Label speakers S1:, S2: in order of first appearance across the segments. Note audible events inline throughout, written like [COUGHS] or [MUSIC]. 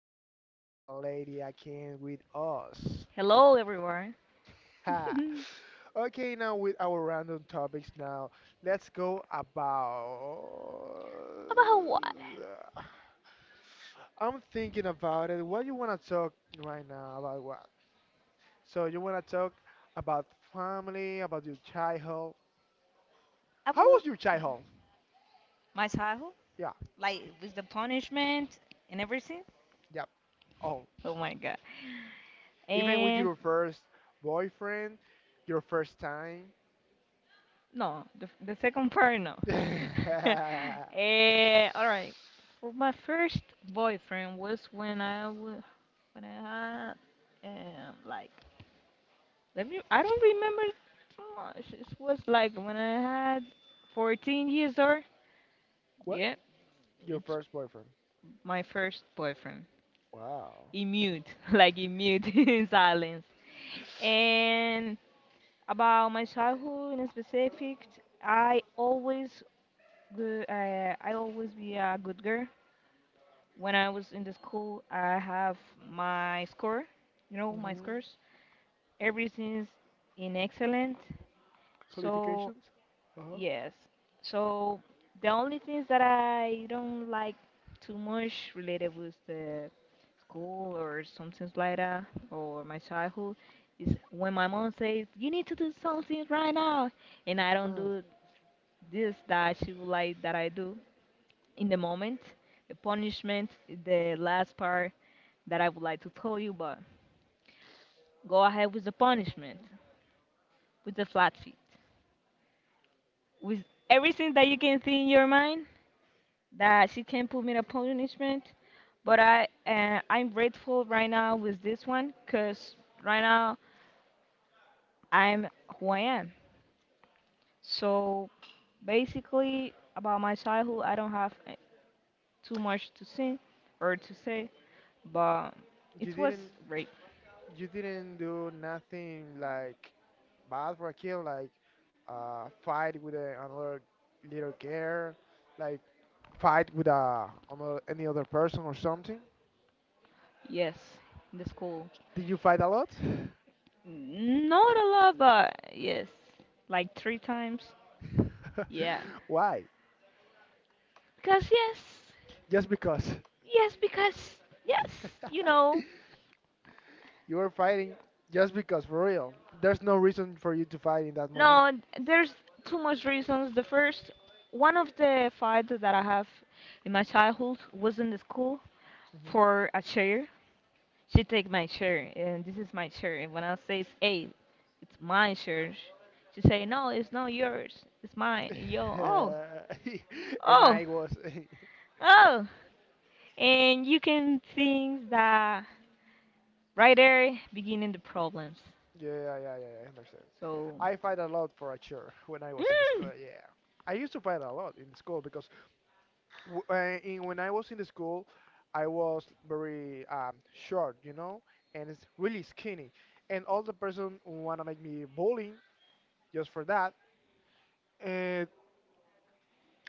S1: and now we have a lady again with us.
S2: Hello, everyone. [LAUGHS]
S1: Ha!
S2: About
S1: Okay, now with our random topics, now let's go about.
S2: what?
S1: I'm thinking about it. What you wanna talk right now about what? So you wanna talk about family, about your childhood?
S2: I
S1: How
S2: will
S1: was your childhood?
S2: my title,
S1: Yeah,
S2: like with the punishment and everything.
S1: yeah. Oh,
S2: Oh my god.
S1: even with
S2: And
S1: your first boyfriend, your first time.
S2: no, the second part, no. [LAUGHS] All right. For
S1: [LAUGHS]
S2: my first boyfriend was when I had like let me. I don't remember too much. It was like when I had 14 years old.
S1: What?
S2: Yep,
S1: Your
S2: it's
S1: first boyfriend.
S2: my first boyfriend.
S1: Wow.
S2: In mute, [LAUGHS] like in mute, [LAUGHS] in silence. And about my childhood in specific, I always, good I always be a good girl. When I was in the school, I have my score, you know, my
S1: Hmm.
S2: scores. Everything's in excellent. So
S1: Qualifications? Uh-huh.
S2: yes. So the only things that I don't like too much related with the school or something like that or my childhood is when my mom says you need to do something right now and I don't
S1: Mm,
S2: do this that she would like that I do in the moment. The punishment is the last part that I would like to tell you, but go ahead with the punishment, with the flat feet, with everything that you can think in your mind that she can put me in a punishment. But I'm grateful right now with this one because right now I'm who I am. So basically about my childhood, I don't have too much to say or to say, but
S1: you
S2: it was
S1: didn't
S2: great.
S1: you didn't do nothing like bad for a kid, like fight with another little girl, like fight with a another, any other person or something.
S2: Yes, in the school.
S1: Did you fight a lot?
S2: Not a lot, but yes, like three times. Yeah,
S1: [LAUGHS] Why?
S2: because yes,
S1: Just because?
S2: yes, because yes, you
S1: [LAUGHS]
S2: know.
S1: You were fighting just because, for real. There's no reason for you to fight in that moment.
S2: No, there's too much reasons. The first, one of the fights that I have in my childhood was in the school
S1: Mhm.
S2: for a chair. She take my chair, and this is my chair. And when I say, "Hey, it's my chair," she say, "No, it's not yours. It's mine."
S1: [LAUGHS]
S2: Yo, oh, oh,
S1: [LAUGHS] Yeah,
S2: oh, and you can think that right there beginning the problems.
S1: yeah, yeah, yeah, I understand.
S2: So,
S1: I fight a lot for a chair when I was in the school.
S2: mm,
S1: Yeah, I used to fight a lot in the school because when I was in the school, I was very short, and it's really skinny, and all the person wanna make me bullying just for that. And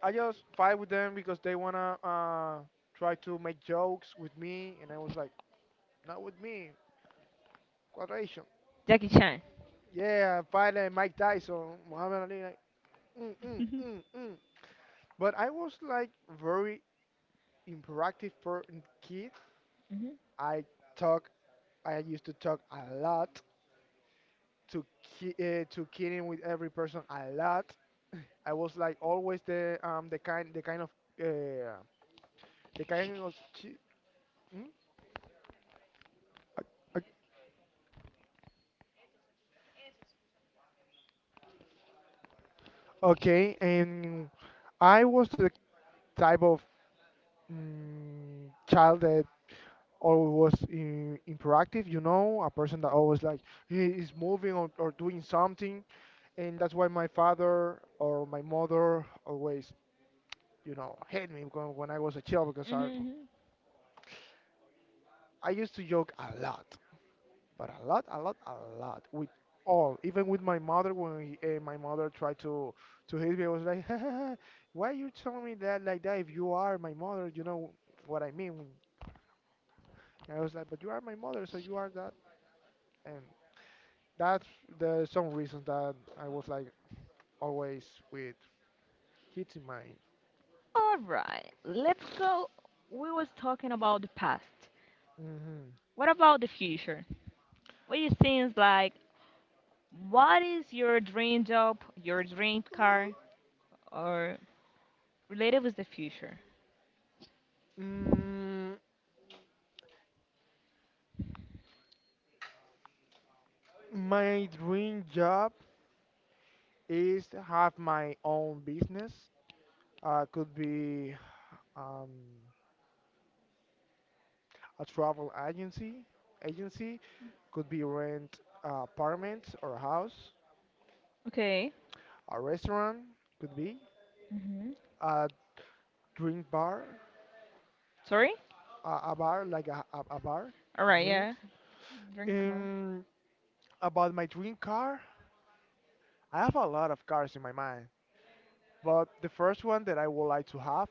S1: I just fight with them because they wanna try to make jokes with me, and I was like, not with me, quadration.
S2: Jackie Chan.
S1: Yeah, fight like Mike Tyson, Muhammad Ali, like, mm,
S2: [LAUGHS]
S1: mm,
S2: Mhm,
S1: mm, mm. But I was like very interactive per kid.
S2: mhm,
S1: I talk, I used to talk a lot to to kidding with every person a lot. I was like always the the kind of uh, the kind of ki- hmm? Okay, and I was the type of child that always was interactive, a person that always like "He is moving or doing something, and that's why my father or my mother always, hate me when I was a child because
S2: mhm,
S1: I
S2: mhm.
S1: I used to joke a lot. But a lot, a lot, a lot with all. Even with my mother, my mother tried to hit me, I was like, [LAUGHS] "Why you telling me that like that? If you are my mother, you know what I mean." I was like, "But you are my mother, so you are that." And that's the some reason that I was like always with hitting my.
S2: All right, let's go. We was talking about the past.
S1: Mhm.
S2: What about the future? What you think like what is your dream job, your dream car, or related with the future?
S1: Mm, my dream job is to have my own business. Could be um, a travel agency, could be rent apartments or a house.
S2: Okay.
S1: A restaurant could be
S2: Mm-hmm.
S1: a drink bar,
S2: Sorry?
S1: a bar like a bar
S2: All
S1: of
S2: right, yeah.
S1: drinks.
S2: Drink commercial.
S1: Um, about my dream car, I have a lot of cars in my mind, but the first one that I would like to have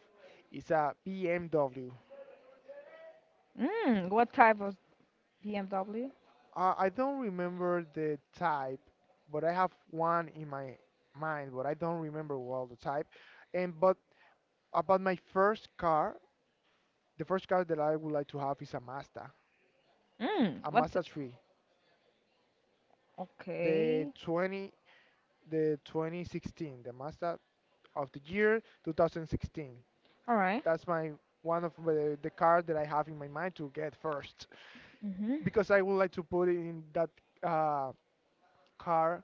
S1: is a BMW.
S2: Mm, what type of BMW?
S1: I don't remember the type, but I have one in my mind, but I don't remember well the type. And but about my first car, the first car that I would like to have is
S2: Mm,
S1: a
S2: what?
S1: Mazda 3, the
S2: Okay.
S1: 20, the 2016, the Mazda of the year 2016.
S2: All right.
S1: That's my one of the car that I have in my mind to get first
S2: Mm-hmm.
S1: because I would like to put in that uh, car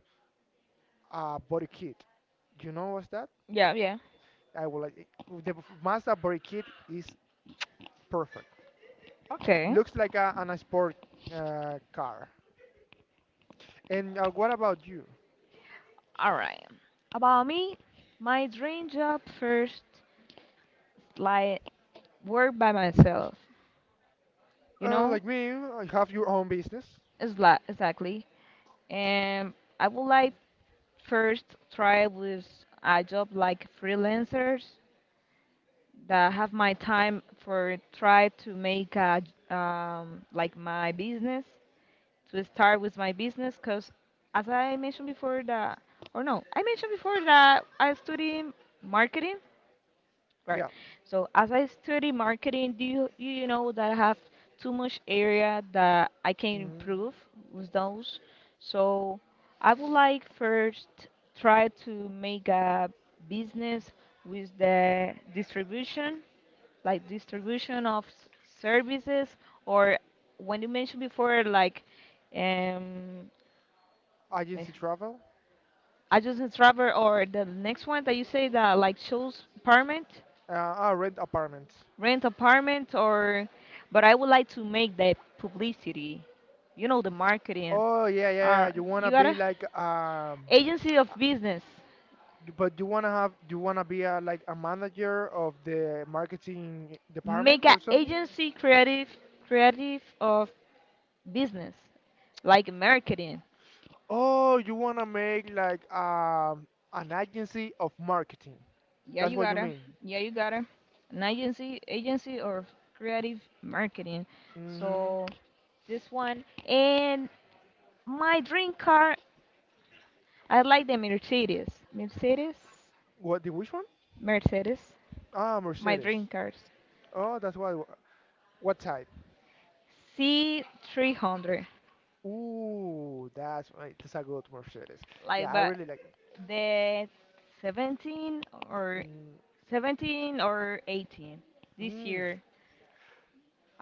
S1: a body kit. You know what's that?
S2: Yeah, yeah.
S1: I would like the Mazda body kit is perfect.
S2: Okay.
S1: Looks like an sport car. And what about you?
S2: All right. About me, my dream job first, like work by myself, you know?
S1: Like me, I have your own business.
S2: It's la exactly. And I would like first try with a job like freelancers that have my time for try to make a like my business to start with my business because as I mentioned before that, or no, I mentioned before that I study marketing. Right.
S1: Yeah.
S2: So as I study marketing, do you know that I have too much area that I can
S1: Mhm.
S2: improve with those. So I would like first try to make a business with the distribution, like distribution of services, or when you mentioned before, like um, eh,
S1: Agency travel.
S2: agency travel, or the next one that you say that like shows apartment.
S1: I rent apartments.
S2: Rent apartment, or but I would like to make the publicity, you know, the marketing.
S1: Oh yeah, yeah, yeah.
S2: Or
S1: You
S2: you
S1: wanna
S2: gotta
S1: be like
S2: agency of
S1: uh,
S2: business.
S1: but you wanna be like a manager of the marketing department
S2: Make an
S1: or something?
S2: agency creative creative of business like marketing.
S1: Oh, you wanna make like an agency of marketing.
S2: Yeah,
S1: That's
S2: you
S1: what you
S2: gotta.
S1: mean.
S2: Yeah, you gotta. An agency or creative marketing.
S1: Mm-hmm.
S2: So this one and my dream car. I like the Mercedes. Mercedes.
S1: What the which one?
S2: Mercedes.
S1: Ah,
S2: My dream
S1: Mercedes.
S2: cars.
S1: Oh, that's what. What type?
S2: C 300,
S1: Ooh, that's right. That's a good Mercedes.
S2: like
S1: Yeah, I
S2: but
S1: really like it.
S2: the 17 or
S1: Mm,
S2: 17 or 18, this
S1: mm.
S2: year.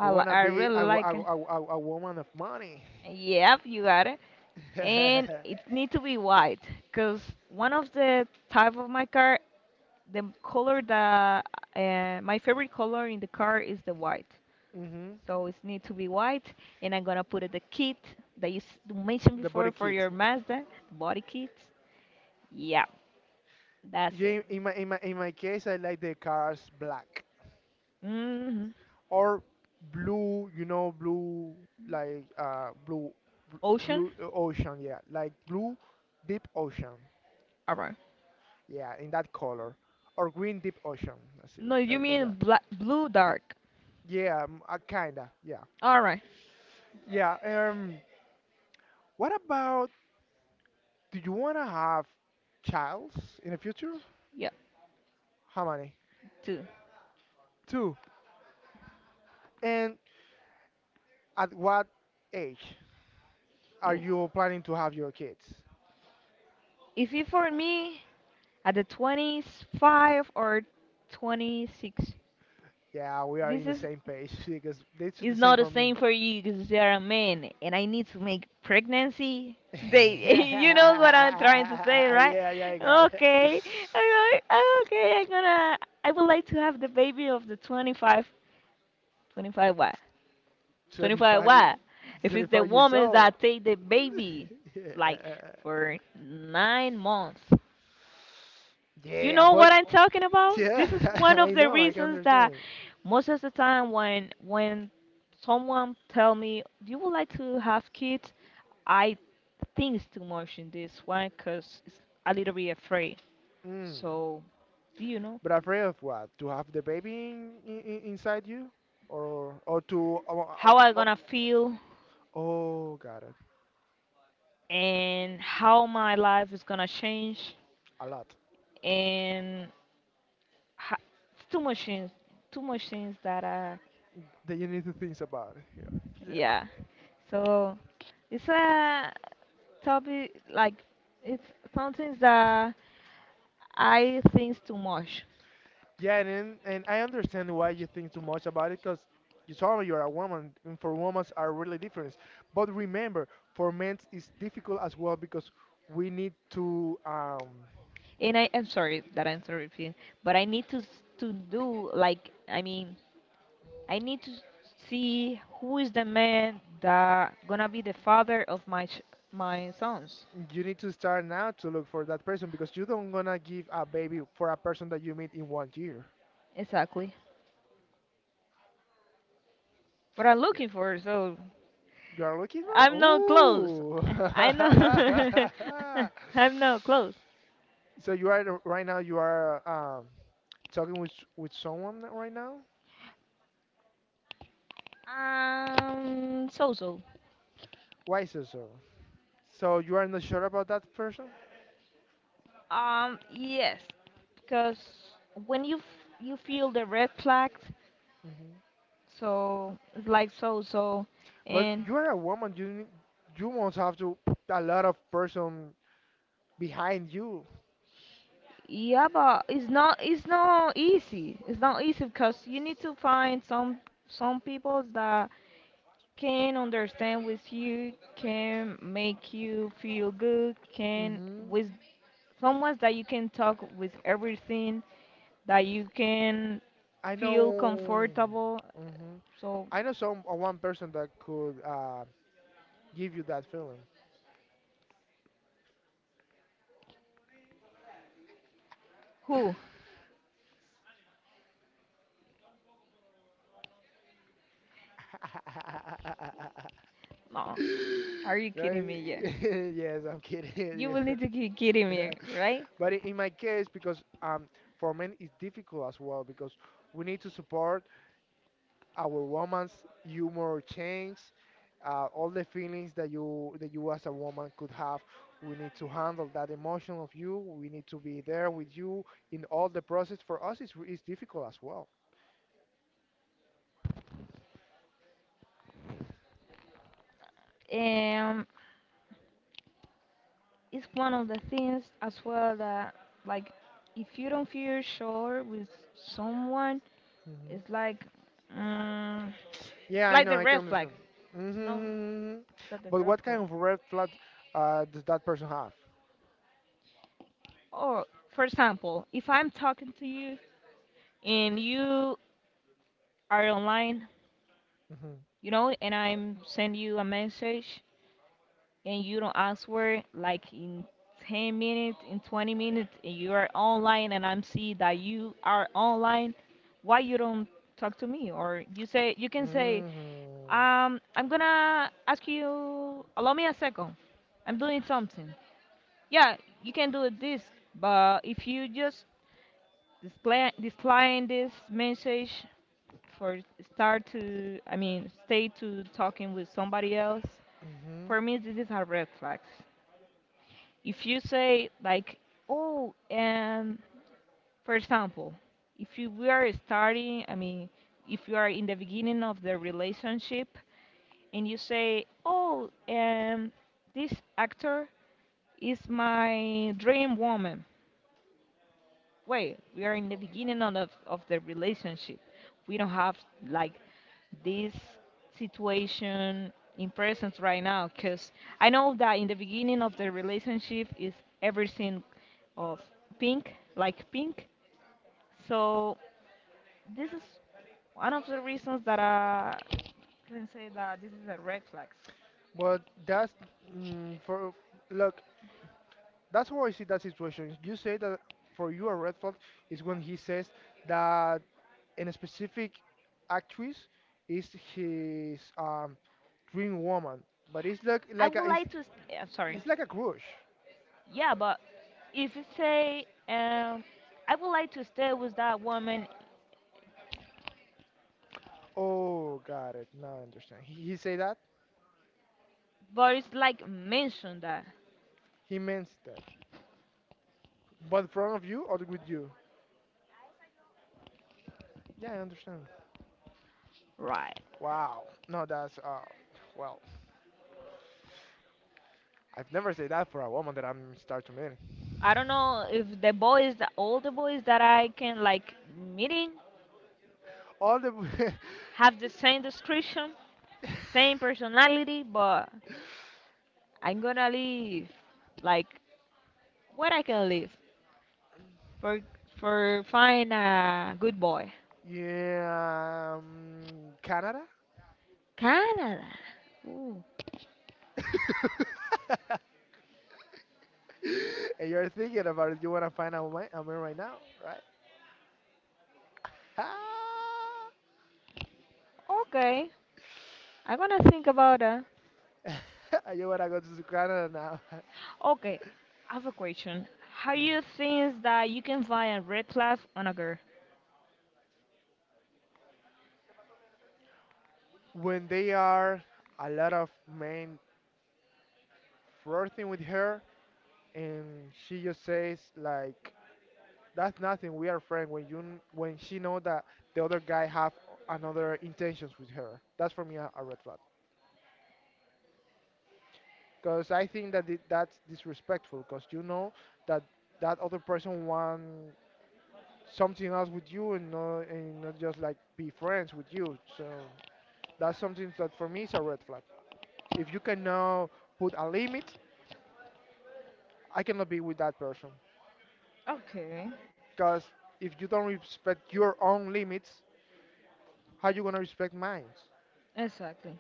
S1: You
S2: li-
S1: wanna
S2: I
S1: be
S2: really like it.
S1: a woman of money.
S2: Yep, you got it. And it
S1: [LAUGHS]
S2: need to be white, cause one of the type of my car, the color that my favorite color in the car is the white.
S1: Hmm.
S2: So it need to be white, and I'm gonna put it the kit that mentioned
S1: The body
S2: before for
S1: kit.
S2: your Mazda, the body kit. Yeah, that's
S1: Yeah, in my case, I like the cars black
S2: hmm.
S1: or blue. You know, blue like
S2: Ocean?
S1: blue ocean. Yeah, like blue deep ocean.
S2: Alright.
S1: Yeah, in that color or green deep ocean. I see,
S2: No,
S1: like
S2: you
S1: like
S2: mean
S1: that.
S2: black, blue dark.
S1: Yeah, kinda. Yeah.
S2: Alright.
S1: Yeah, what about do you want to have childs in the future?
S2: Yeah,
S1: How many?
S2: two.
S1: Two. And at what age are
S2: You-
S1: you planning to have your kids?
S2: if you for me at the 25 or 26,
S1: Yeah, we are in
S2: this
S1: the same page [LAUGHS] because it's the
S2: is
S1: same
S2: not the
S1: for me.
S2: same for you because you're a man and I need to make pregnancy
S1: [LAUGHS]
S2: today. [LAUGHS] You know what
S1: Yeah,
S2: I'm trying to say, right?
S1: yeah, I got it. [LAUGHS]
S2: Okay. Okay, okay, I would like to have the baby of the 25. 25 what?
S1: Twenty
S2: 25
S1: five,
S2: what? If
S1: twenty
S2: it's the
S1: five years
S2: woman
S1: old.
S2: that take the baby,
S1: [LAUGHS]
S2: like
S1: Yeah.
S2: for 9 months. You
S1: Yeah,
S2: know
S1: but
S2: what I'm talking about?
S1: yeah,
S2: This is
S1: [LAUGHS]
S2: one of
S1: I
S2: the
S1: know, I can
S2: reasons that
S1: understand.
S2: most of the time when someone tell me, "Do you would like to have kids," I think it's too much in this one because it's a little bit afraid.
S1: Mm.
S2: So do you know
S1: But afraid of what? To have the baby in, inside you, or to or, or,
S2: how I
S1: or,
S2: gonna feel
S1: oh, got it.
S2: and how my life is gonna change
S1: A lot
S2: and ha- it's two machines that are
S1: that you need to think about it. Yeah, yeah,
S2: yeah. So it's a topic like it's something that I think too much,
S1: yeah. And then, and I understand why you think too much about it, because you told me you're a woman, and for women are really different. But remember, for men it's difficult as well because we need to
S2: and I am sorry that I'm so repeating, but I need to to do like I mean I need to see who is the man that gonna be the father of my sons
S1: you need to start now to look for that person because you don't gonna give a baby for a person that you meet in one year.
S2: exactly. What I'm looking for, so
S1: Garlic is one?
S2: I'm not close.
S1: Oh.
S2: [LAUGHS] I know. [LAUGHS] I'm not
S1: [LAUGHS]
S2: close.
S1: So you are right now you are talking with someone right now?
S2: So so.
S1: Why is it so? So you are not sure about that person?
S2: Yes, because when you feel the red flags,
S1: Hmm.
S2: so it's like so so,
S1: But
S2: and
S1: you are a woman. You must have to put a lot of person behind you.
S2: yeah, but it's not, it's not easy. It's not easy because you need to find some people that can understand with you, can make you feel good, can
S1: Hmm.
S2: with someone that you can talk with everything that you can
S1: I
S2: feel
S1: know.
S2: comfortable
S1: Hmm.
S2: so.
S1: I know some one person that could give you that feeling.
S2: Who?
S1: [LAUGHS] [LAUGHS]
S2: No. Are you
S1: No,
S2: kidding me? Yeah.
S1: [LAUGHS] yes, I'm kidding
S2: You
S1: you.
S2: will need to be kidding me, right?
S1: [LAUGHS] But in my case, because for men it's difficult as well because we need to support our woman's humor change, all the feelings that you as a woman could have. We need to handle that emotion of you. We need to be there with you in all the process. For us, it's difficult as well.
S2: Um, it's one of the things as well that, like, if you don't feel sure with someone, it's
S1: Hmm.
S2: um,
S1: Yeah, I
S2: like
S1: know.
S2: the
S1: I can
S2: red flag.
S1: understand.
S2: No,
S1: Hmm.
S2: not the
S1: But
S2: red
S1: what
S2: flag.
S1: kind of red flag does that person have?
S2: Or, for example, if I'm talking to you and you are online,
S1: Mhm.
S2: you know, and I'm send you a message and you don't answer like in 10 minutes, in 20 minutes, and you are online and I'm see that you are online, why you don't talk to me? Or you say you can say,
S1: Mhm.
S2: I'm gonna ask you, allow me a second. I'm doing something. Yeah, you can do it this, but if you just displaying this message for start to, I mean, stay to talking with somebody else, for
S1: Mhm.
S2: me this is a red flag. If you say like oh, and for example, if you we are starting, I mean, if you are in the beginning of the relationship and you say oh, and this actor is my dream woman way. We are in the beginning of the relationship. We don't have like this situation in presence right now because I know that in the beginning of the relationship is everything of pink, like pink. So this is one of the reasons that I can say that this is a red flag.
S1: But that's for look. That's how I see that situation. You say that for you a red flag is when he says that in a specific actress is his dream woman, but it's like
S2: I
S1: like
S2: would
S1: a, it's
S2: like to. I'm sorry.
S1: it's like a crush.
S2: Yeah, but if you say, I would like to stay with that woman,
S1: Oh, got it. Now I understand. He say that
S2: but it's like mentioned that
S1: he means that, but in front of you or with you? Yeah, I understand.
S2: right.
S1: Wow. No, that's well, I've never said that for a woman that I'm start to marry.
S2: I don't know if the boys, the older boys that I can like meeting
S1: All the [LAUGHS]
S2: have the same description, the same personality, but I'm gonna leave like what I can leave for for find a good boy.
S1: yeah, Canada.
S2: Canada. Ooh.
S1: [LAUGHS] And you're thinking about it. You wanna find a man right now, right? Ah,
S2: Okay, I'm gonna think about that.
S1: [LAUGHS] you wanna go to Canada now.
S2: Okay, I have a question. How you
S1: [LAUGHS]
S2: think that you can find a red flag on a girl?
S1: When they are a lot of men flirting with her, and she just says like, that's nothing. We are friends. When you when she know that the other guy have another intentions with her, that's for me a red flag. Because I think that that's disrespectful. Because you know that that other person want something else with you and not just like be friends with you. So that's something that for me is a red flag. If you cannot put a limit, I cannot be with that person.
S2: Okay,
S1: Because if you don't respect your own limits, how you gonna respect mine?
S2: exactly,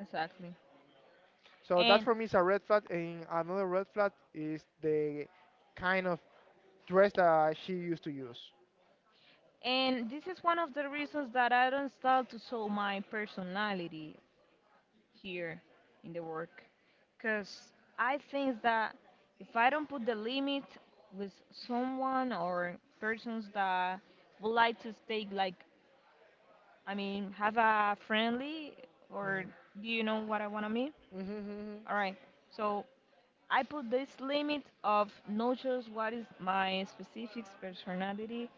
S2: exactly.
S1: So that
S2: And
S1: for me is a red flag. And another red flag is the kind of dress that she used to use.
S2: and this is one of the reasons that I don't start to show my personality here in the work, because I think that if I don't put the limit with someone or persons that would like to stay like I mean have a friendly or
S1: Mm-hmm.
S2: do you know what I wanna mean?
S1: Mm-hmm.
S2: All right, so I put this limit of not just what is my specific personality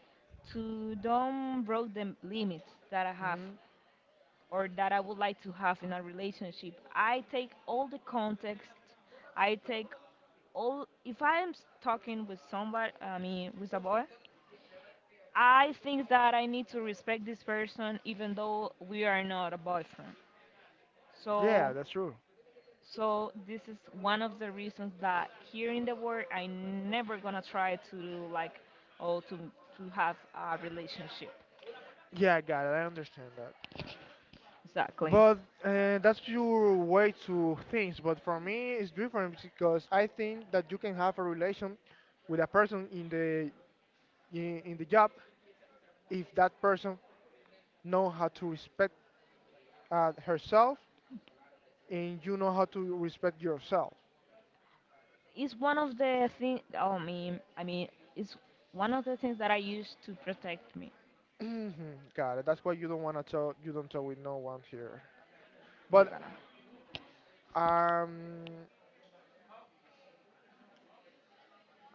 S2: to don't broke the limits that I have
S1: Hmm.
S2: or that I would like to have in a relationship. I take all the context. I take all. If I am talking with somebody, I mean with a boy, I think that I need to respect this person even though we are not a boyfriend.
S1: Yeah,
S2: So
S1: that's true.
S2: so this is one of the reasons that here in the world I never gonna try to do like or to have a relationship.
S1: Yeah, I got it. I understand that.
S2: Exactly.
S1: But that's your way to things. But for me, it's different because I think that you can have a relation with a person in the job if that person know how to respect herself and you know how to respect yourself.
S2: It's one of the thing. It's one of the things that I use to protect me.
S1: Hmm. Got it. That's why you don't want to talk. You don't talk with no one here.
S2: You
S1: But
S2: gotta
S1: um,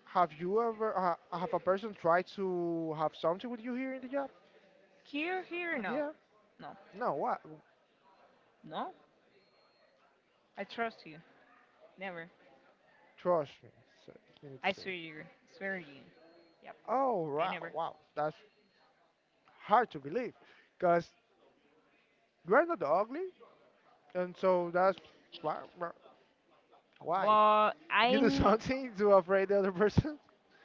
S1: have you ever have a person tried to have something with you here in the job?
S2: here, here, no,
S1: Yeah.
S2: no,
S1: No. What?
S2: no. I trust you. Never.
S1: Trust me. So you need to
S2: I
S1: say.
S2: swear you. Swear you. Yep.
S1: Oh
S2: I
S1: wow,
S2: never.
S1: wow. That's hard to believe, cause you're not ugly, and so that's why. Why?
S2: But I.
S1: You do [LAUGHS] something to afraid the other person?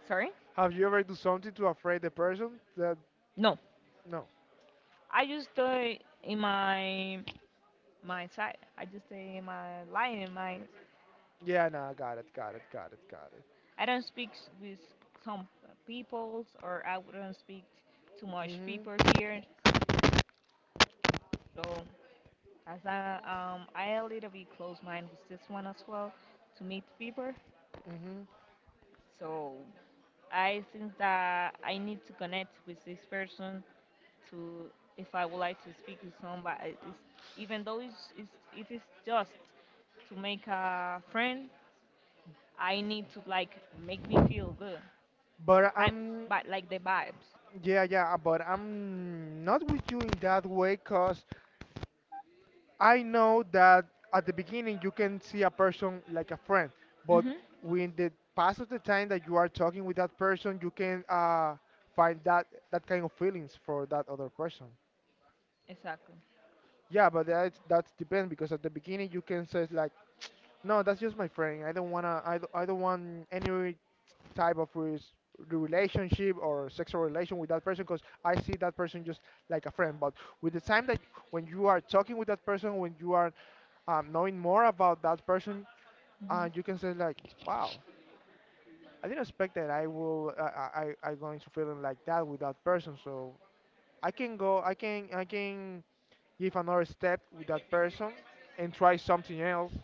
S2: Sorry.
S1: Have you ever do something to afraid the person? That
S2: No.
S1: no.
S2: I just stay in my my side. I just stay in my line in my.
S1: Yeah, no, got it, got it, got it, got it.
S2: I don't speak with some peoples, or I wouldn't speak too much
S1: Mhm.
S2: people here. So as I a little bit close mind with this one as well to meet people.
S1: hmm
S2: So I think that I need to connect with this person to if I would like to speak with somebody. Even though it's if it's just to make a friend, I need to like make me feel good.
S1: But
S2: I
S1: I'm,
S2: But like the vibes.
S1: yeah, yeah, but I'm not with you in that way because I know that at the beginning you can see a person like a friend, but
S2: Mhm.
S1: when the pass of the time that you are talking with that person, you can find that kind of feelings for that other person.
S2: Exactly.
S1: Yeah, but that depends because at the beginning you can say like, no, that's just my friend. I don't wanna, I don't want any type of relationship or sexual relation with that person because I see that person just like a friend. But with the time that when you are talking with that person, when you are knowing more about that person,
S2: Mhm.
S1: you can say like, wow, I didn't expect that I will I going to feeling like that with that person. So I can go, I can give another step with that person and try something else,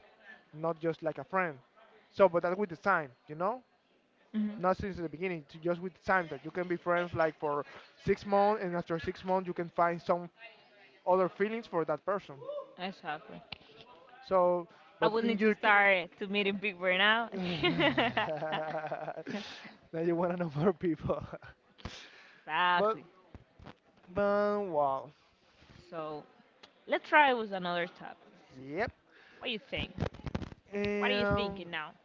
S1: not just like a friend. So, but that with the time.
S2: Mhm.
S1: Not since the beginning, to just with time that you can be friends like for 6 months, and after 6 months you can find some other feelings for that person.
S2: Exactly.
S1: So,
S2: I
S1: but
S2: will
S1: in
S2: need to
S1: your ca-
S2: start to meeting people now.
S1: [LAUGHS]
S2: [LAUGHS]
S1: now you wanna know more people, [LAUGHS] but
S2: Exactly.
S1: but wow,
S2: So let's try with another topic.
S1: yep.
S2: What do you think? What are you
S1: And
S2: thinking now?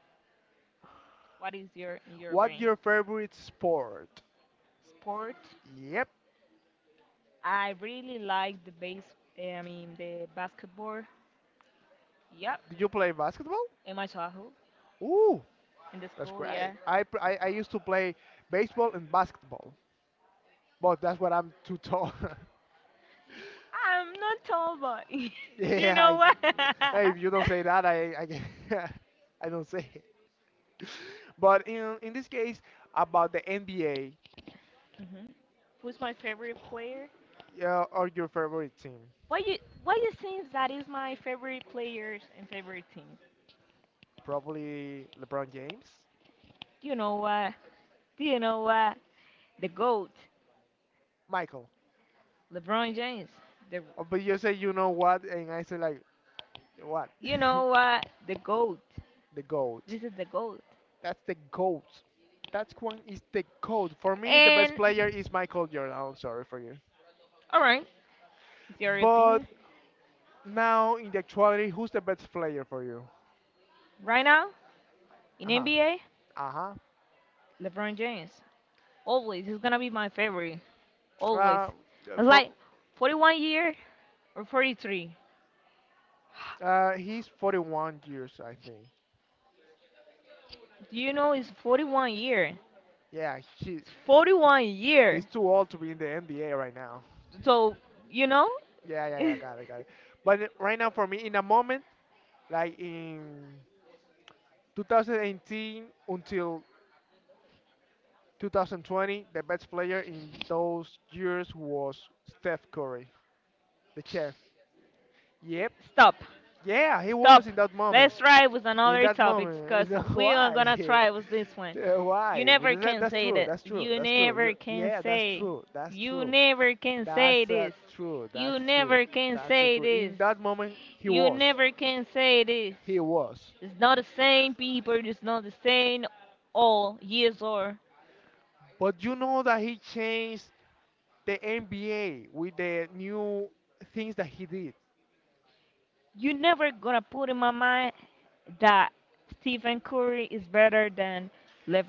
S2: What is your in your
S1: what
S2: brain?
S1: your favorite sport?
S2: Sport.
S1: Yep.
S2: I really like the base. I mean the basketball. Yep.
S1: Do you play basketball?
S2: In my childhood,
S1: Ooh,
S2: in the
S1: that's
S2: school,
S1: great.
S2: yeah.
S1: I, pl- I used to play baseball and basketball, but that's what I'm too tall. [LAUGHS]
S2: I'm not tall boy. [LAUGHS] You
S1: Yeah,
S2: know what? [LAUGHS]
S1: [LAUGHS] if you don't say that, [LAUGHS] I don't say it. [LAUGHS] But in this case, about the NBA,
S2: hmm Who's my favorite player?
S1: yeah, or your favorite team,
S2: Why you why you think that is my favorite players and favorite team?
S1: probably LeBron James,
S2: Do you know what? Do you know what? The GOAT,
S1: Michael.
S2: LeBron James. The
S1: Oh, but you say you know what, and I say like what?
S2: You know what? The GOAT.
S1: [LAUGHS] The GOAT.
S2: This is the GOAT.
S1: That's the GOAT. That one is the GOAT. For me, the best
S2: And
S1: player is Michael Jordan. I'm sorry for you.
S2: all right, it's your
S1: But
S2: opinion.
S1: now in the actuality, who's the best player for you?
S2: Right now
S1: Uh
S2: in
S1: huh.
S2: NBA,
S1: Uh
S2: LeBron James always he's gonna be my favorite. Always.
S1: huh.
S2: It's
S1: For
S2: like 41 years, or 43.
S1: He's 41 years, I think.
S2: Do you know it's 41 year?
S1: Yeah, he
S2: It's 41
S1: he's
S2: year.
S1: too old to be in the NBA right now.
S2: So, you know?
S1: Yeah, yeah, yeah, got it, got it.
S2: [LAUGHS]
S1: But right now, for me, in a moment, like in 2018 until 2020, the best player in those years was Steph Curry, the chef. Yep.
S2: Stop.
S1: Yeah, he was
S2: Stop.
S1: in that moment.
S2: Let's try with
S1: In
S2: another
S1: that
S2: topic because
S1: moment, [LAUGHS]
S2: we are gonna
S1: why?
S2: try
S1: [LAUGHS]
S2: with this one.
S1: Yeah,
S2: You
S1: why?
S2: never
S1: But That,
S2: can
S1: that's
S2: say
S1: true.
S2: that.
S1: That's true.
S2: You
S1: That's
S2: never
S1: true.
S2: can
S1: Yeah, that's
S2: say.
S1: true. That's
S2: You
S1: true.
S2: never can say
S1: That's
S2: this.
S1: true. That's
S2: You
S1: true.
S2: never can
S1: That's
S2: say
S1: true. In
S2: this.
S1: that moment, he
S2: You
S1: was.
S2: never can say this.
S1: He was.
S2: It's not the same people, it's not the same all years, or
S1: But you know that he changed the NBA with the new things that he did.
S2: you never gonna put in my mind that Stephen Curry is better than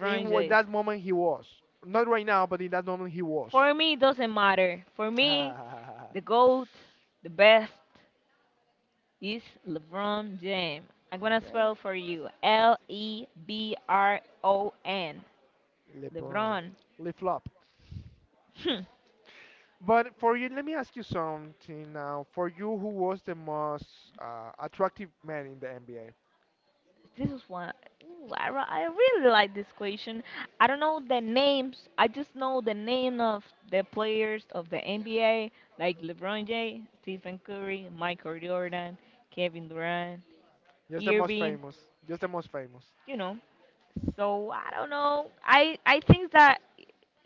S1: In, w- in
S2: James.
S1: that moment, he was. Not right now, but in that moment, he was. [LAUGHS]
S2: For me, it doesn't matter. For me,
S1: Ah,
S2: the GOAT, the best, is LeBron James. I'm gonna
S1: okay.
S2: spell for you LeBron.
S1: LeBron.
S2: LeBron.
S1: Flip flop.
S2: [LAUGHS]
S1: But for you, let me ask you something now. For you, who was the most attractive man in the NBA?
S2: This is one. Ooh, I really like this question. I don't know the names. I just know the name of the players of the NBA, like LeBron James, Stephen Curry, Michael Jordan, Kevin Durant,
S1: Just the most
S2: Irving.
S1: famous. Just the most famous.
S2: You know. So I don't know. I think that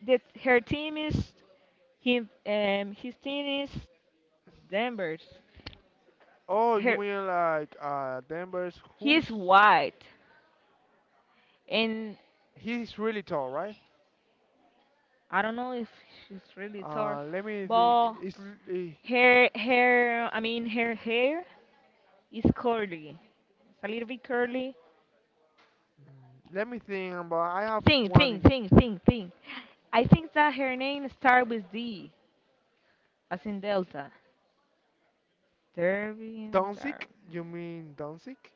S2: that her team is him. His team is Denver's.
S1: Oh, you
S2: Her
S1: mean like Denver's
S2: He
S1: who's
S2: is white, and
S1: he's really tall, right?
S2: I don't know if she's really tall,
S1: Let me think.
S2: but
S1: Eh,
S2: her hair, I mean, her hair is curly. It's a little bit curly.
S1: Let me think. But I have one in
S2: Think, think. I think that her name starts with D, as in Delta. Derby and Dar.
S1: Doncic. You mean Doncic?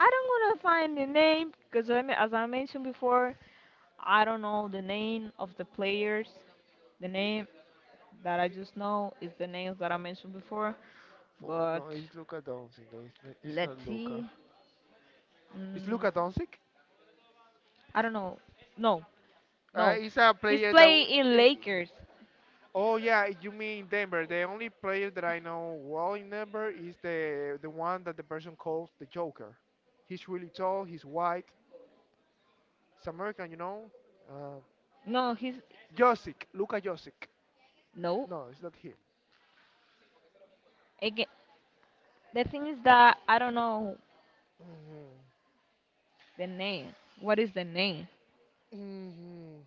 S2: I don't want to find the name because, as I mentioned before, I don't know the name of the players. The name that I just know is the names that I mentioned before.
S1: For no,
S2: But
S1: it's Luka Doncic. No, it's not, it's
S2: let's
S1: not Luka.
S2: see.
S1: It's
S2: Mm,
S1: Luka Doncic.
S2: I don't know. No, no.
S1: He's a
S2: He's
S1: player that.
S2: playing in
S1: Eh, eh,
S2: Lakers.
S1: Oh yeah, you mean Denver. The only player that I know well in Denver is the one that the person calls the Joker. He's really tall. He's white. He's American. Uh,
S2: No, he's
S1: Josic, Luka Josic.
S2: no,
S1: No, it's not him.
S2: again, the thing is that I don't know
S1: Mhm.
S2: the name. What is the name?
S1: Mhm.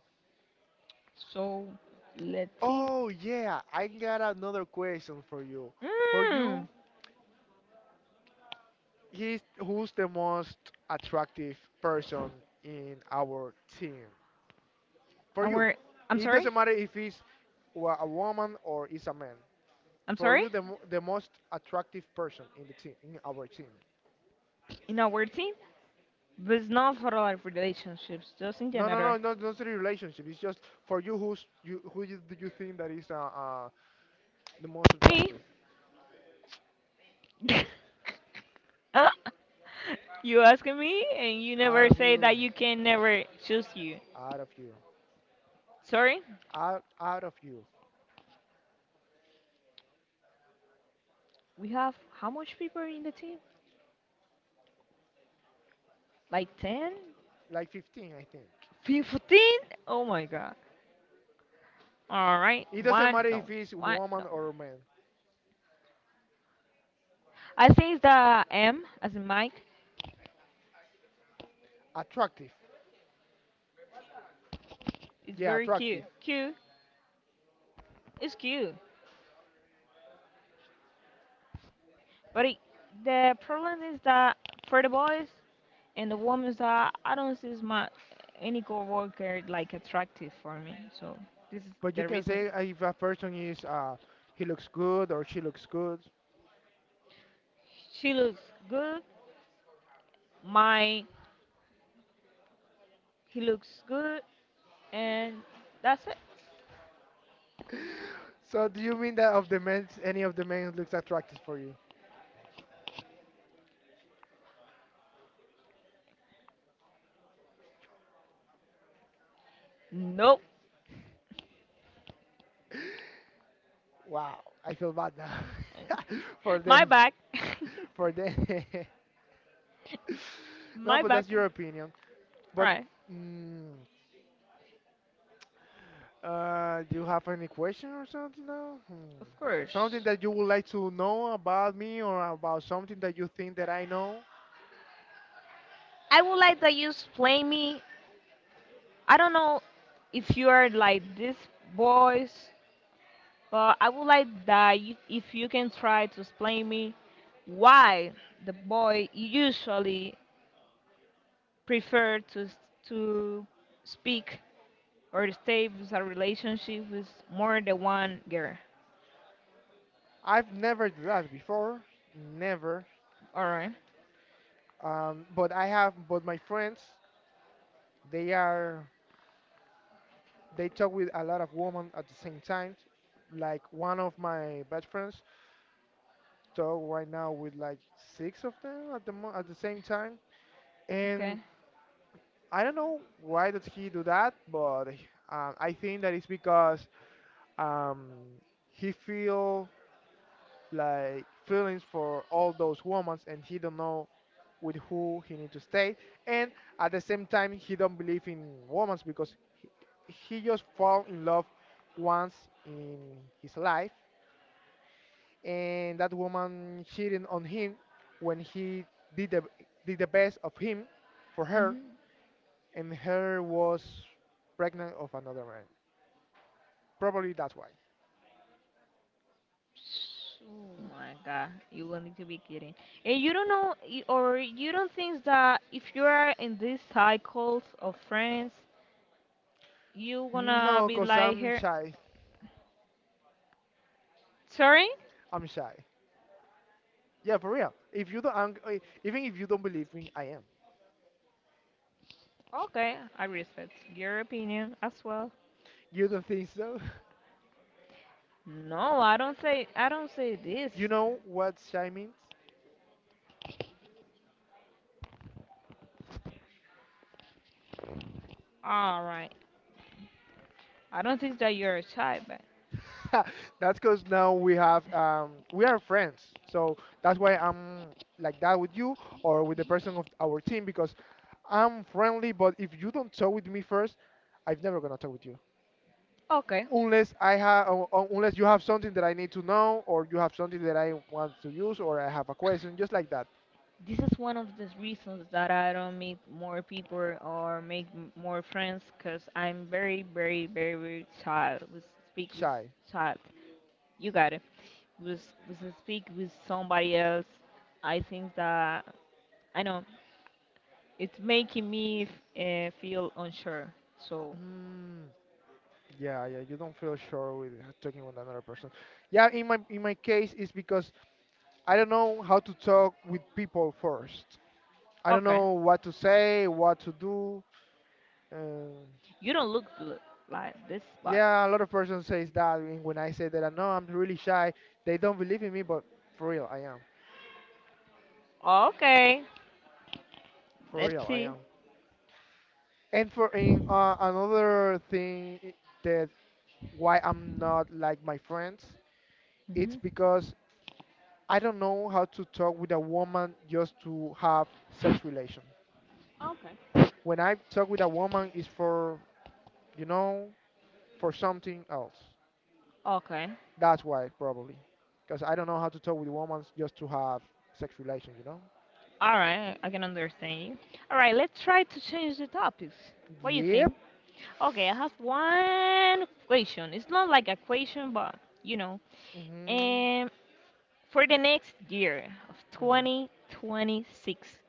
S2: So let's see.
S1: Oh yeah, I got another question for you. For
S2: Mm,
S1: you, he's who's the most attractive person in our team? For you,
S2: our? I'm
S1: it
S2: sorry,
S1: doesn't matter if it's a woman or it's a man.
S2: I'm
S1: For
S2: sorry.
S1: you, the most attractive person in our team.
S2: In our team, but it's not for like relationships, just in
S1: No, no,
S2: general.
S1: no, no, not the relationship. It's just for you, who's you? Who you, do you think that is the most
S2: Me.
S1: attractive?
S2: [LAUGHS] You asking me, and you
S1: Out
S2: never
S1: of
S2: say
S1: you.
S2: that you can never choose you.
S1: Out of you.
S2: Sorry,
S1: Out of you.
S2: we have how much people in the team? Like 10?
S1: Like 15, I think.
S2: 15? Oh my god. All right,
S1: It doesn't
S2: one
S1: matter
S2: no,
S1: if it's
S2: one
S1: woman
S2: no.
S1: or man.
S2: I think the M as in Mike
S1: Attractive.
S2: is
S1: Yeah,
S2: very cute.
S1: attractive.
S2: Cute is cute, but the problem is that for the boys and the women, that I don't see my any coworker like attractive for me. So this is
S1: But you
S2: the
S1: can
S2: reason.
S1: say if a person is he looks good or she looks good.
S2: She looks good. My He looks good, and that's it.
S1: So do you mean that of the men any of the men looks attractive for you?
S2: Nope.
S1: Wow, I feel bad now. [LAUGHS] For
S2: [LAUGHS] My
S1: them.
S2: back. [LAUGHS]
S1: For them. [LAUGHS] No,
S2: My
S1: but that's
S2: back.
S1: your opinion. But
S2: Right,
S1: mm, do you have any question or something now? Hmm.
S2: of
S1: Something
S2: course.
S1: that you would like to know about me or about something that you think that I know?
S2: I would like that you explain me. I don't know if you are like this voice, but I would like that you, if you can try to explain me why the boy usually prefer to speak or stay with a relationship with more than one girl.
S1: I've never did that before, never.
S2: All right.
S1: But I have, but my friends, they are, they talk with a lot of women at the same time. Like one of my best friends talk right now with like six of them at the same time,
S2: Okay.
S1: and I don't know why did he do that, but I think that it's because um, he feel like feelings for all those women and he don't know with who he need to stay and at the same time he don't believe in women because he, he just fall in love once in his life and that woman cheating on him when he did the, did the best of him for her
S2: Mhm.
S1: and her was pregnant of another man probably that's why.
S2: Oh my god, you will need to be kidding. And you don't know, or you don't think that if you are in these cycles of friends, you gonna
S1: No
S2: be
S1: because
S2: like
S1: I'm
S2: her.
S1: shy.
S2: Sorry?
S1: I'm shy. Yeah, for real. If you don't, I'm, I- Even if you don't believe me, I am.
S2: Okay, I respect your opinion as well.
S1: You don't think so? [LAUGHS]
S2: No, I don't say this.
S1: You know what shy means?
S2: All right, I don't think that you're a child, but
S1: [LAUGHS] That's because now we are friends, so that's why I'm like that with you or with the person of our team because I'm friendly. But if you don't talk with me first, I'm never gonna talk with you
S2: okay.
S1: unless I have unless you have something that I need to know or you have something that I want to use or I have a question, just like that.
S2: This is one of the reasons that I don't meet more people or make more friends because I'm very, very, very, very shy. With speak with
S1: Shy.
S2: shy. You got it. With with speak with somebody else, I think that I know it's making me feel unsure. So
S1: Mm. Yeah, yeah, you don't feel sure with talking with another person. Yeah, in my case, it's because I don't know how to talk with people first. I don't
S2: okay,
S1: know what to say, what to do. Uh,
S2: you don't look good like this, but
S1: yeah, a lot of person says that and when I say that I know I'm really shy, they don't believe in me, but for real, I am.
S2: okay,
S1: For
S2: let's
S1: real, I
S2: see.
S1: am. And for in another thing I- that why I'm not like my friends, it's
S2: Hmm.
S1: because I don't know how to talk with a woman just to have sex relation.
S2: Okay.
S1: When I talk with a woman, is for you know for something else.
S2: Okay,
S1: That's why probably, because I don't know how to talk with women just to have sex relation. You know.
S2: all right, I can understand you. All right, let's try to change the topics. What do you
S1: Yep.
S2: think? Okay, I have one question. It's not like a question, but you know.
S1: hmm
S2: And for the next year of
S1: hmm
S2: 2026,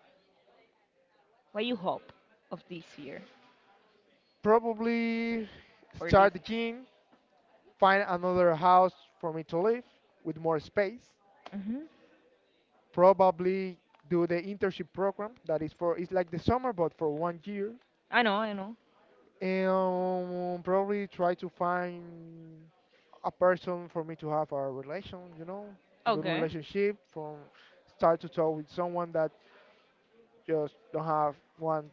S2: what you hope of this year
S1: Probably
S2: or this?
S1: start the gym, find another house for me to live with more space.
S2: Mm-hmm.
S1: Probably do the internship program that is for it's like the summer but for one year
S2: I know, I know.
S1: and probably try to find a person for me to have a relation, a good
S2: Okay.
S1: relationship from start to toe with someone that just don't have one,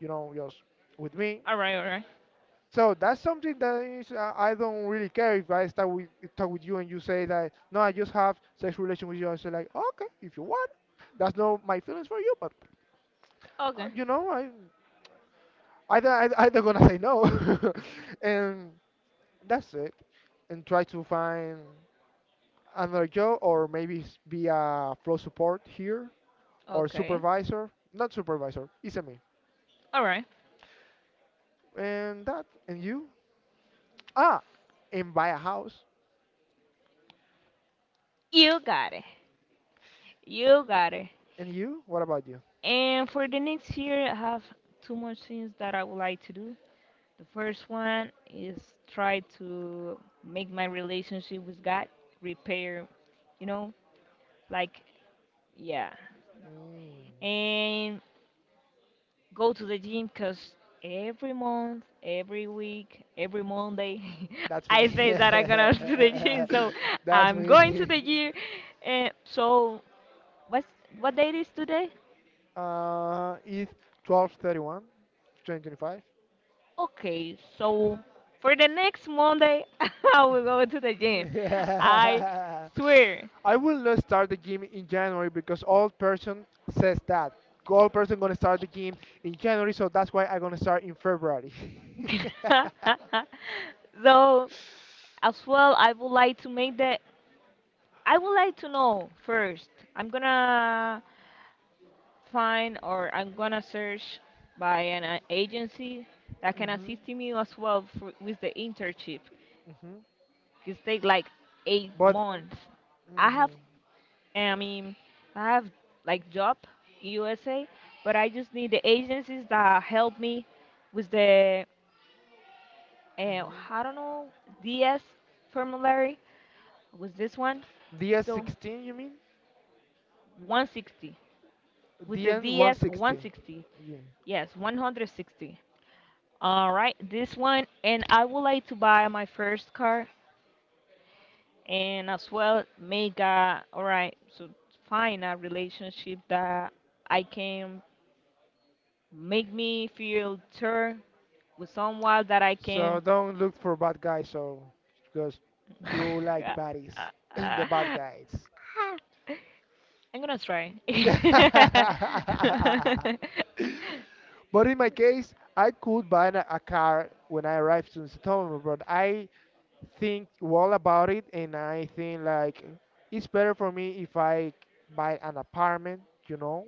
S1: you know, just with me.
S2: All right, all right.
S1: So that's something that is I don't really care if I start with talk with you and you say that no, I just have sex relation with you. I say like okay, if you want, that's not my feelings for you, but
S2: Okay.
S1: you know I. Either I don't gonna say no, [LAUGHS] and that's it. And try to find another job or maybe be a flow support here or
S2: Okay.
S1: supervisor. Not supervisor, it's a me.
S2: All right.
S1: And that, and you? Ah, and buy a house.
S2: You got it. You got it.
S1: And you? What about you?
S2: And for the next year, I have two more things that I would like to do. The first one is try to make my relationship with God repair, you know, like, yeah.
S1: Mm,
S2: And go to the gym because every month, every week, every Monday,
S1: that's
S2: [LAUGHS] I say
S1: me.
S2: that I'm gonna [LAUGHS] to the gym. So
S1: [LAUGHS] That's
S2: I'm going to
S1: me.
S2: the
S1: [LAUGHS]
S2: gym. And so, what's, what date is today?
S1: It's 12/31, 2025.
S2: Okay, so for the next Monday, [LAUGHS] I will go to the gym.
S1: [LAUGHS]
S2: I swear.
S1: I will not start the gym in January because old person says that. Old person gonna start the gym in January, so that's why I'm gonna start in February. [LAUGHS]
S2: [LAUGHS] So, as well, I would like to know first. I'm gonna find, or I'm gonna search by an agency that can
S1: hmm
S2: assist me as well, with the internship.
S1: hmm
S2: It take like eight
S1: But
S2: months
S1: hmm
S2: I have,
S1: hmm
S2: I mean, I have like job USA, but I just need the agencies that help me with the, uh, I don't know, DS formulary was this one. So
S1: DS16, you mean?
S2: 160 with the DS
S1: DN160.
S2: 160.
S1: Yeah.
S2: Yes, 160. All right, this one, and I would like to buy my first car, and as well, make a all right, so find a relationship that I can make me feel sure with someone that I
S1: So
S2: can.
S1: don't look for bad guys, so because you like
S2: [LAUGHS]
S1: baddies, [CLEARS THROAT] the bad
S2: I'm
S1: guys.
S2: gonna try. [LAUGHS]
S1: [LAUGHS] But in my case, I could buy a car when I arrive to Stockholm, but I think well about it, and I think like it's better for me if I buy an apartment, you know,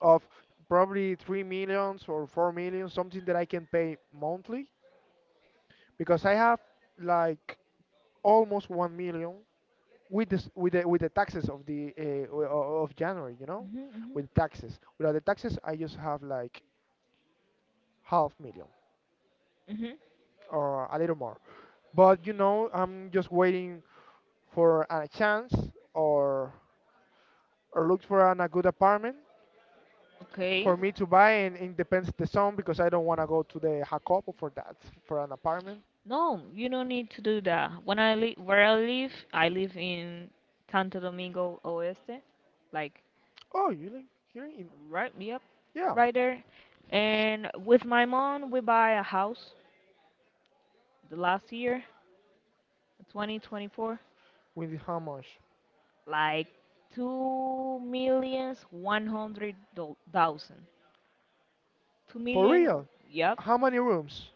S1: of probably 3 million or 4 million, something that I can pay monthly, because I have like almost 1 million with this with the taxes of the o- o- of January,
S2: Mhm, mhm,
S1: with taxes. Without the taxes, I just have like half million
S2: mhm.
S1: or a little more. But I'm just waiting for a chance or or look for a good apartment
S2: Okay.
S1: for me to buy, and it depends the zone because I don't want to go to the Jacopo for an apartment.
S2: No, you don't need to do that. When I live where I live in Santo Domingo Oeste, like
S1: Oh, you live here in
S2: right, yep,
S1: yeah.
S2: right there. And with my mom, we buy a house the last year, 2024,
S1: With how much?
S2: like two millions 100 dol-
S1: For
S2: million. Oh,
S1: real?
S2: yep,
S1: How many rooms?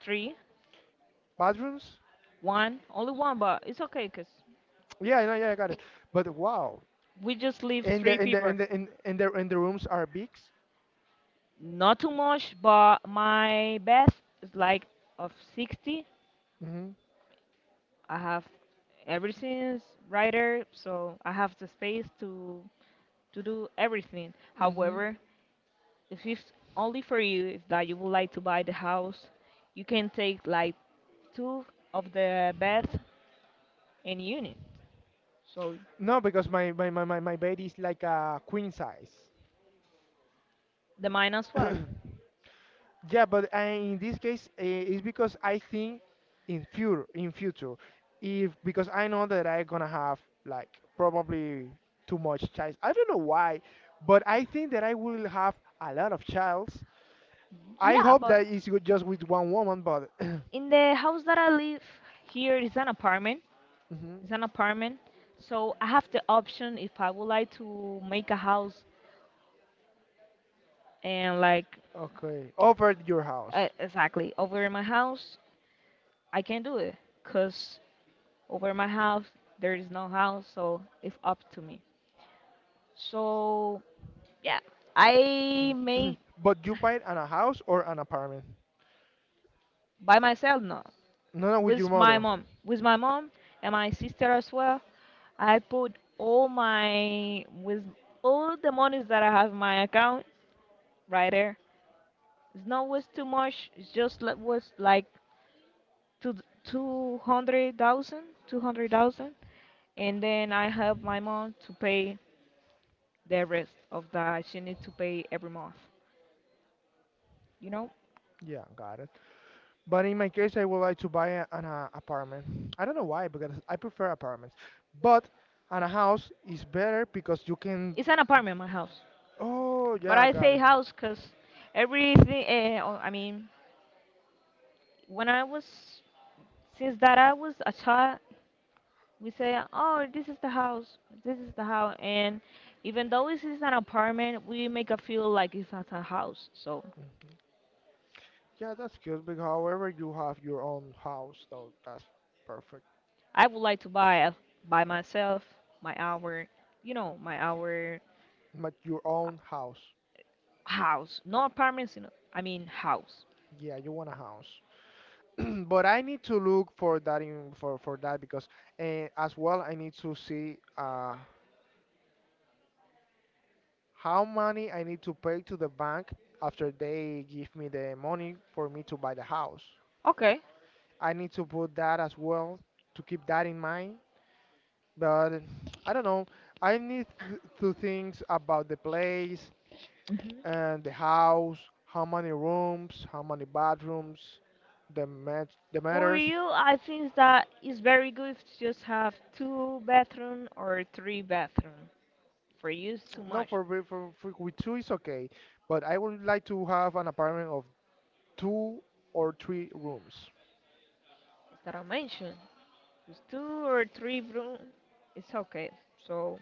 S2: three,
S1: Bathrooms?
S2: one, only one, but it's okay, cause
S1: Yeah, yeah, yeah, I got it. But wow,
S2: we just live
S1: and the
S2: three
S1: and the
S2: people.
S1: and the and the rooms are big.
S2: Not too much, but my best is like of 60.
S1: hmm
S2: I have everything's writer, so I have the space to do everything.
S1: hmm
S2: However, if it's only for you is that you would like to buy the house, you can take like two of the beds in unit. So
S1: No, because my bed is like a queen size.
S2: the mine as well.
S1: [CLEARS THROAT] Yeah, but in this case, it's because I think in future, if because I know that I gonna have like probably too much child. I don't know why, but I think that I will have a lot of childs. I
S2: Yeah,
S1: hope
S2: but
S1: that it's just with one woman, but [COUGHS] [CLEARS THROAT]
S2: in the house that I live here is an apartment.
S1: Mhm.
S2: It's an apartment. So I have the option if I would like to make a house, and like
S1: Okay, over your house.
S2: exactly over in my house, I can do it because over my house there is no house, so it's up to me. So yeah, I
S1: [COUGHS]
S2: make
S1: [CLEARS THROAT] But you buy
S2: [LAUGHS]
S1: an a house or an apartment?
S2: by myself, no,
S1: No, no, with your
S2: with my
S1: mother.
S2: mom, with my mom and my sister as well. I put all my with all the monies that I have in my account right there. Snow was too much. It's just was like two two hundred thousand, 200,000, and then I help my mom to pay the rest of that she needs to pay every month. You know,
S1: Yeah, got it. But in my case, I would like to buy an apartment. I don't know why, because I prefer apartments. But and a house is better because you can.
S2: it's an apartment, my house,
S1: Oh
S2: but
S1: yeah, I
S2: I
S1: got
S2: say
S1: it.
S2: house because everything. Oh, I mean, when I was since that I was a child, we say, oh, this is the house, this is the house, and even though this is an apartment, we make it feel like it's not a house. So
S1: Yeah, that's good. Because however you have your own house, so that's perfect.
S2: I would like to buy by myself, my our, my our
S1: But your own house.
S2: house, not apartments, I mean house.
S1: Yeah, you want a house. [CLEARS THROAT] But I need to look for that because as well I need to see how money I need to pay to the bank after they give me the money for me to buy the house.
S2: Okay.
S1: I need to put that as well to keep that in mind. But I don't know. I need to think about the place
S2: hmm
S1: and the house, how many rooms, how many bathrooms, the
S2: For
S1: matters.
S2: you, I think that it's very good to just have two bathroom or three bathroom. For you, it's too
S1: No,
S2: much.
S1: for with two is okay. But I would like to have an apartment of two or three rooms,
S2: It's that I mentioned. With two or three room, it's okay. So,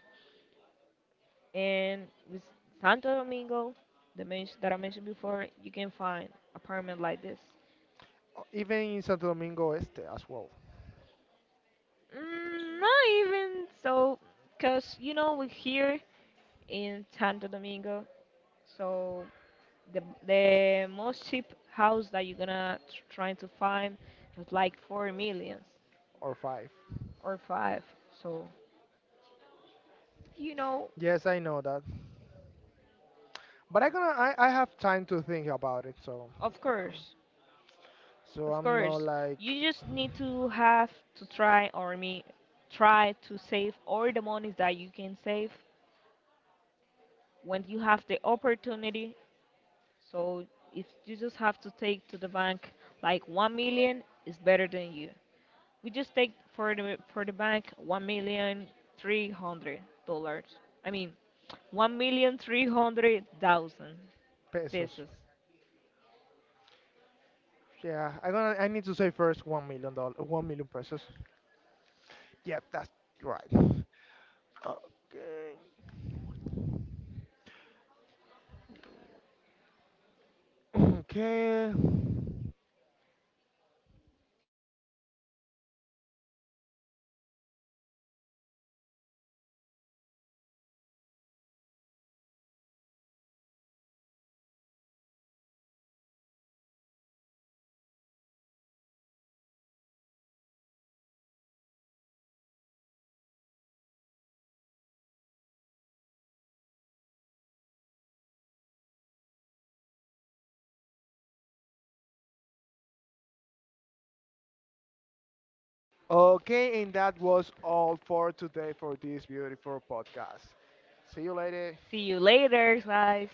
S2: and with Santo Domingo, the mention that I mentioned before, you can find apartment like this.
S1: or even in Santo Domingo Este as well,
S2: Not even so, cause you know we here in Santo Domingo, so the most cheap house that you're gonna trying to find is like four millions
S1: or five.
S2: or five. So, you know,
S1: Yes, I know that. But I have time to think about it,
S2: of
S1: um,
S2: course,
S1: So
S2: of
S1: I'm not
S2: course,
S1: like
S2: you just need to have to try or me try to save all the monies that you can save when you have the opportunity. So if you just have to take to the bank like 1 million, it's better than you. We just take for the bank $1,000,300. I mean, 1,300,000
S1: pesos.
S2: pesos.
S1: Yeah, I need to say first $1 million, 1 million pesos. Yeah, that's right. Okay, [CLEARS THROAT] okay, okay, and that was all for today for this beautiful podcast. See you later.
S2: See you later, guys.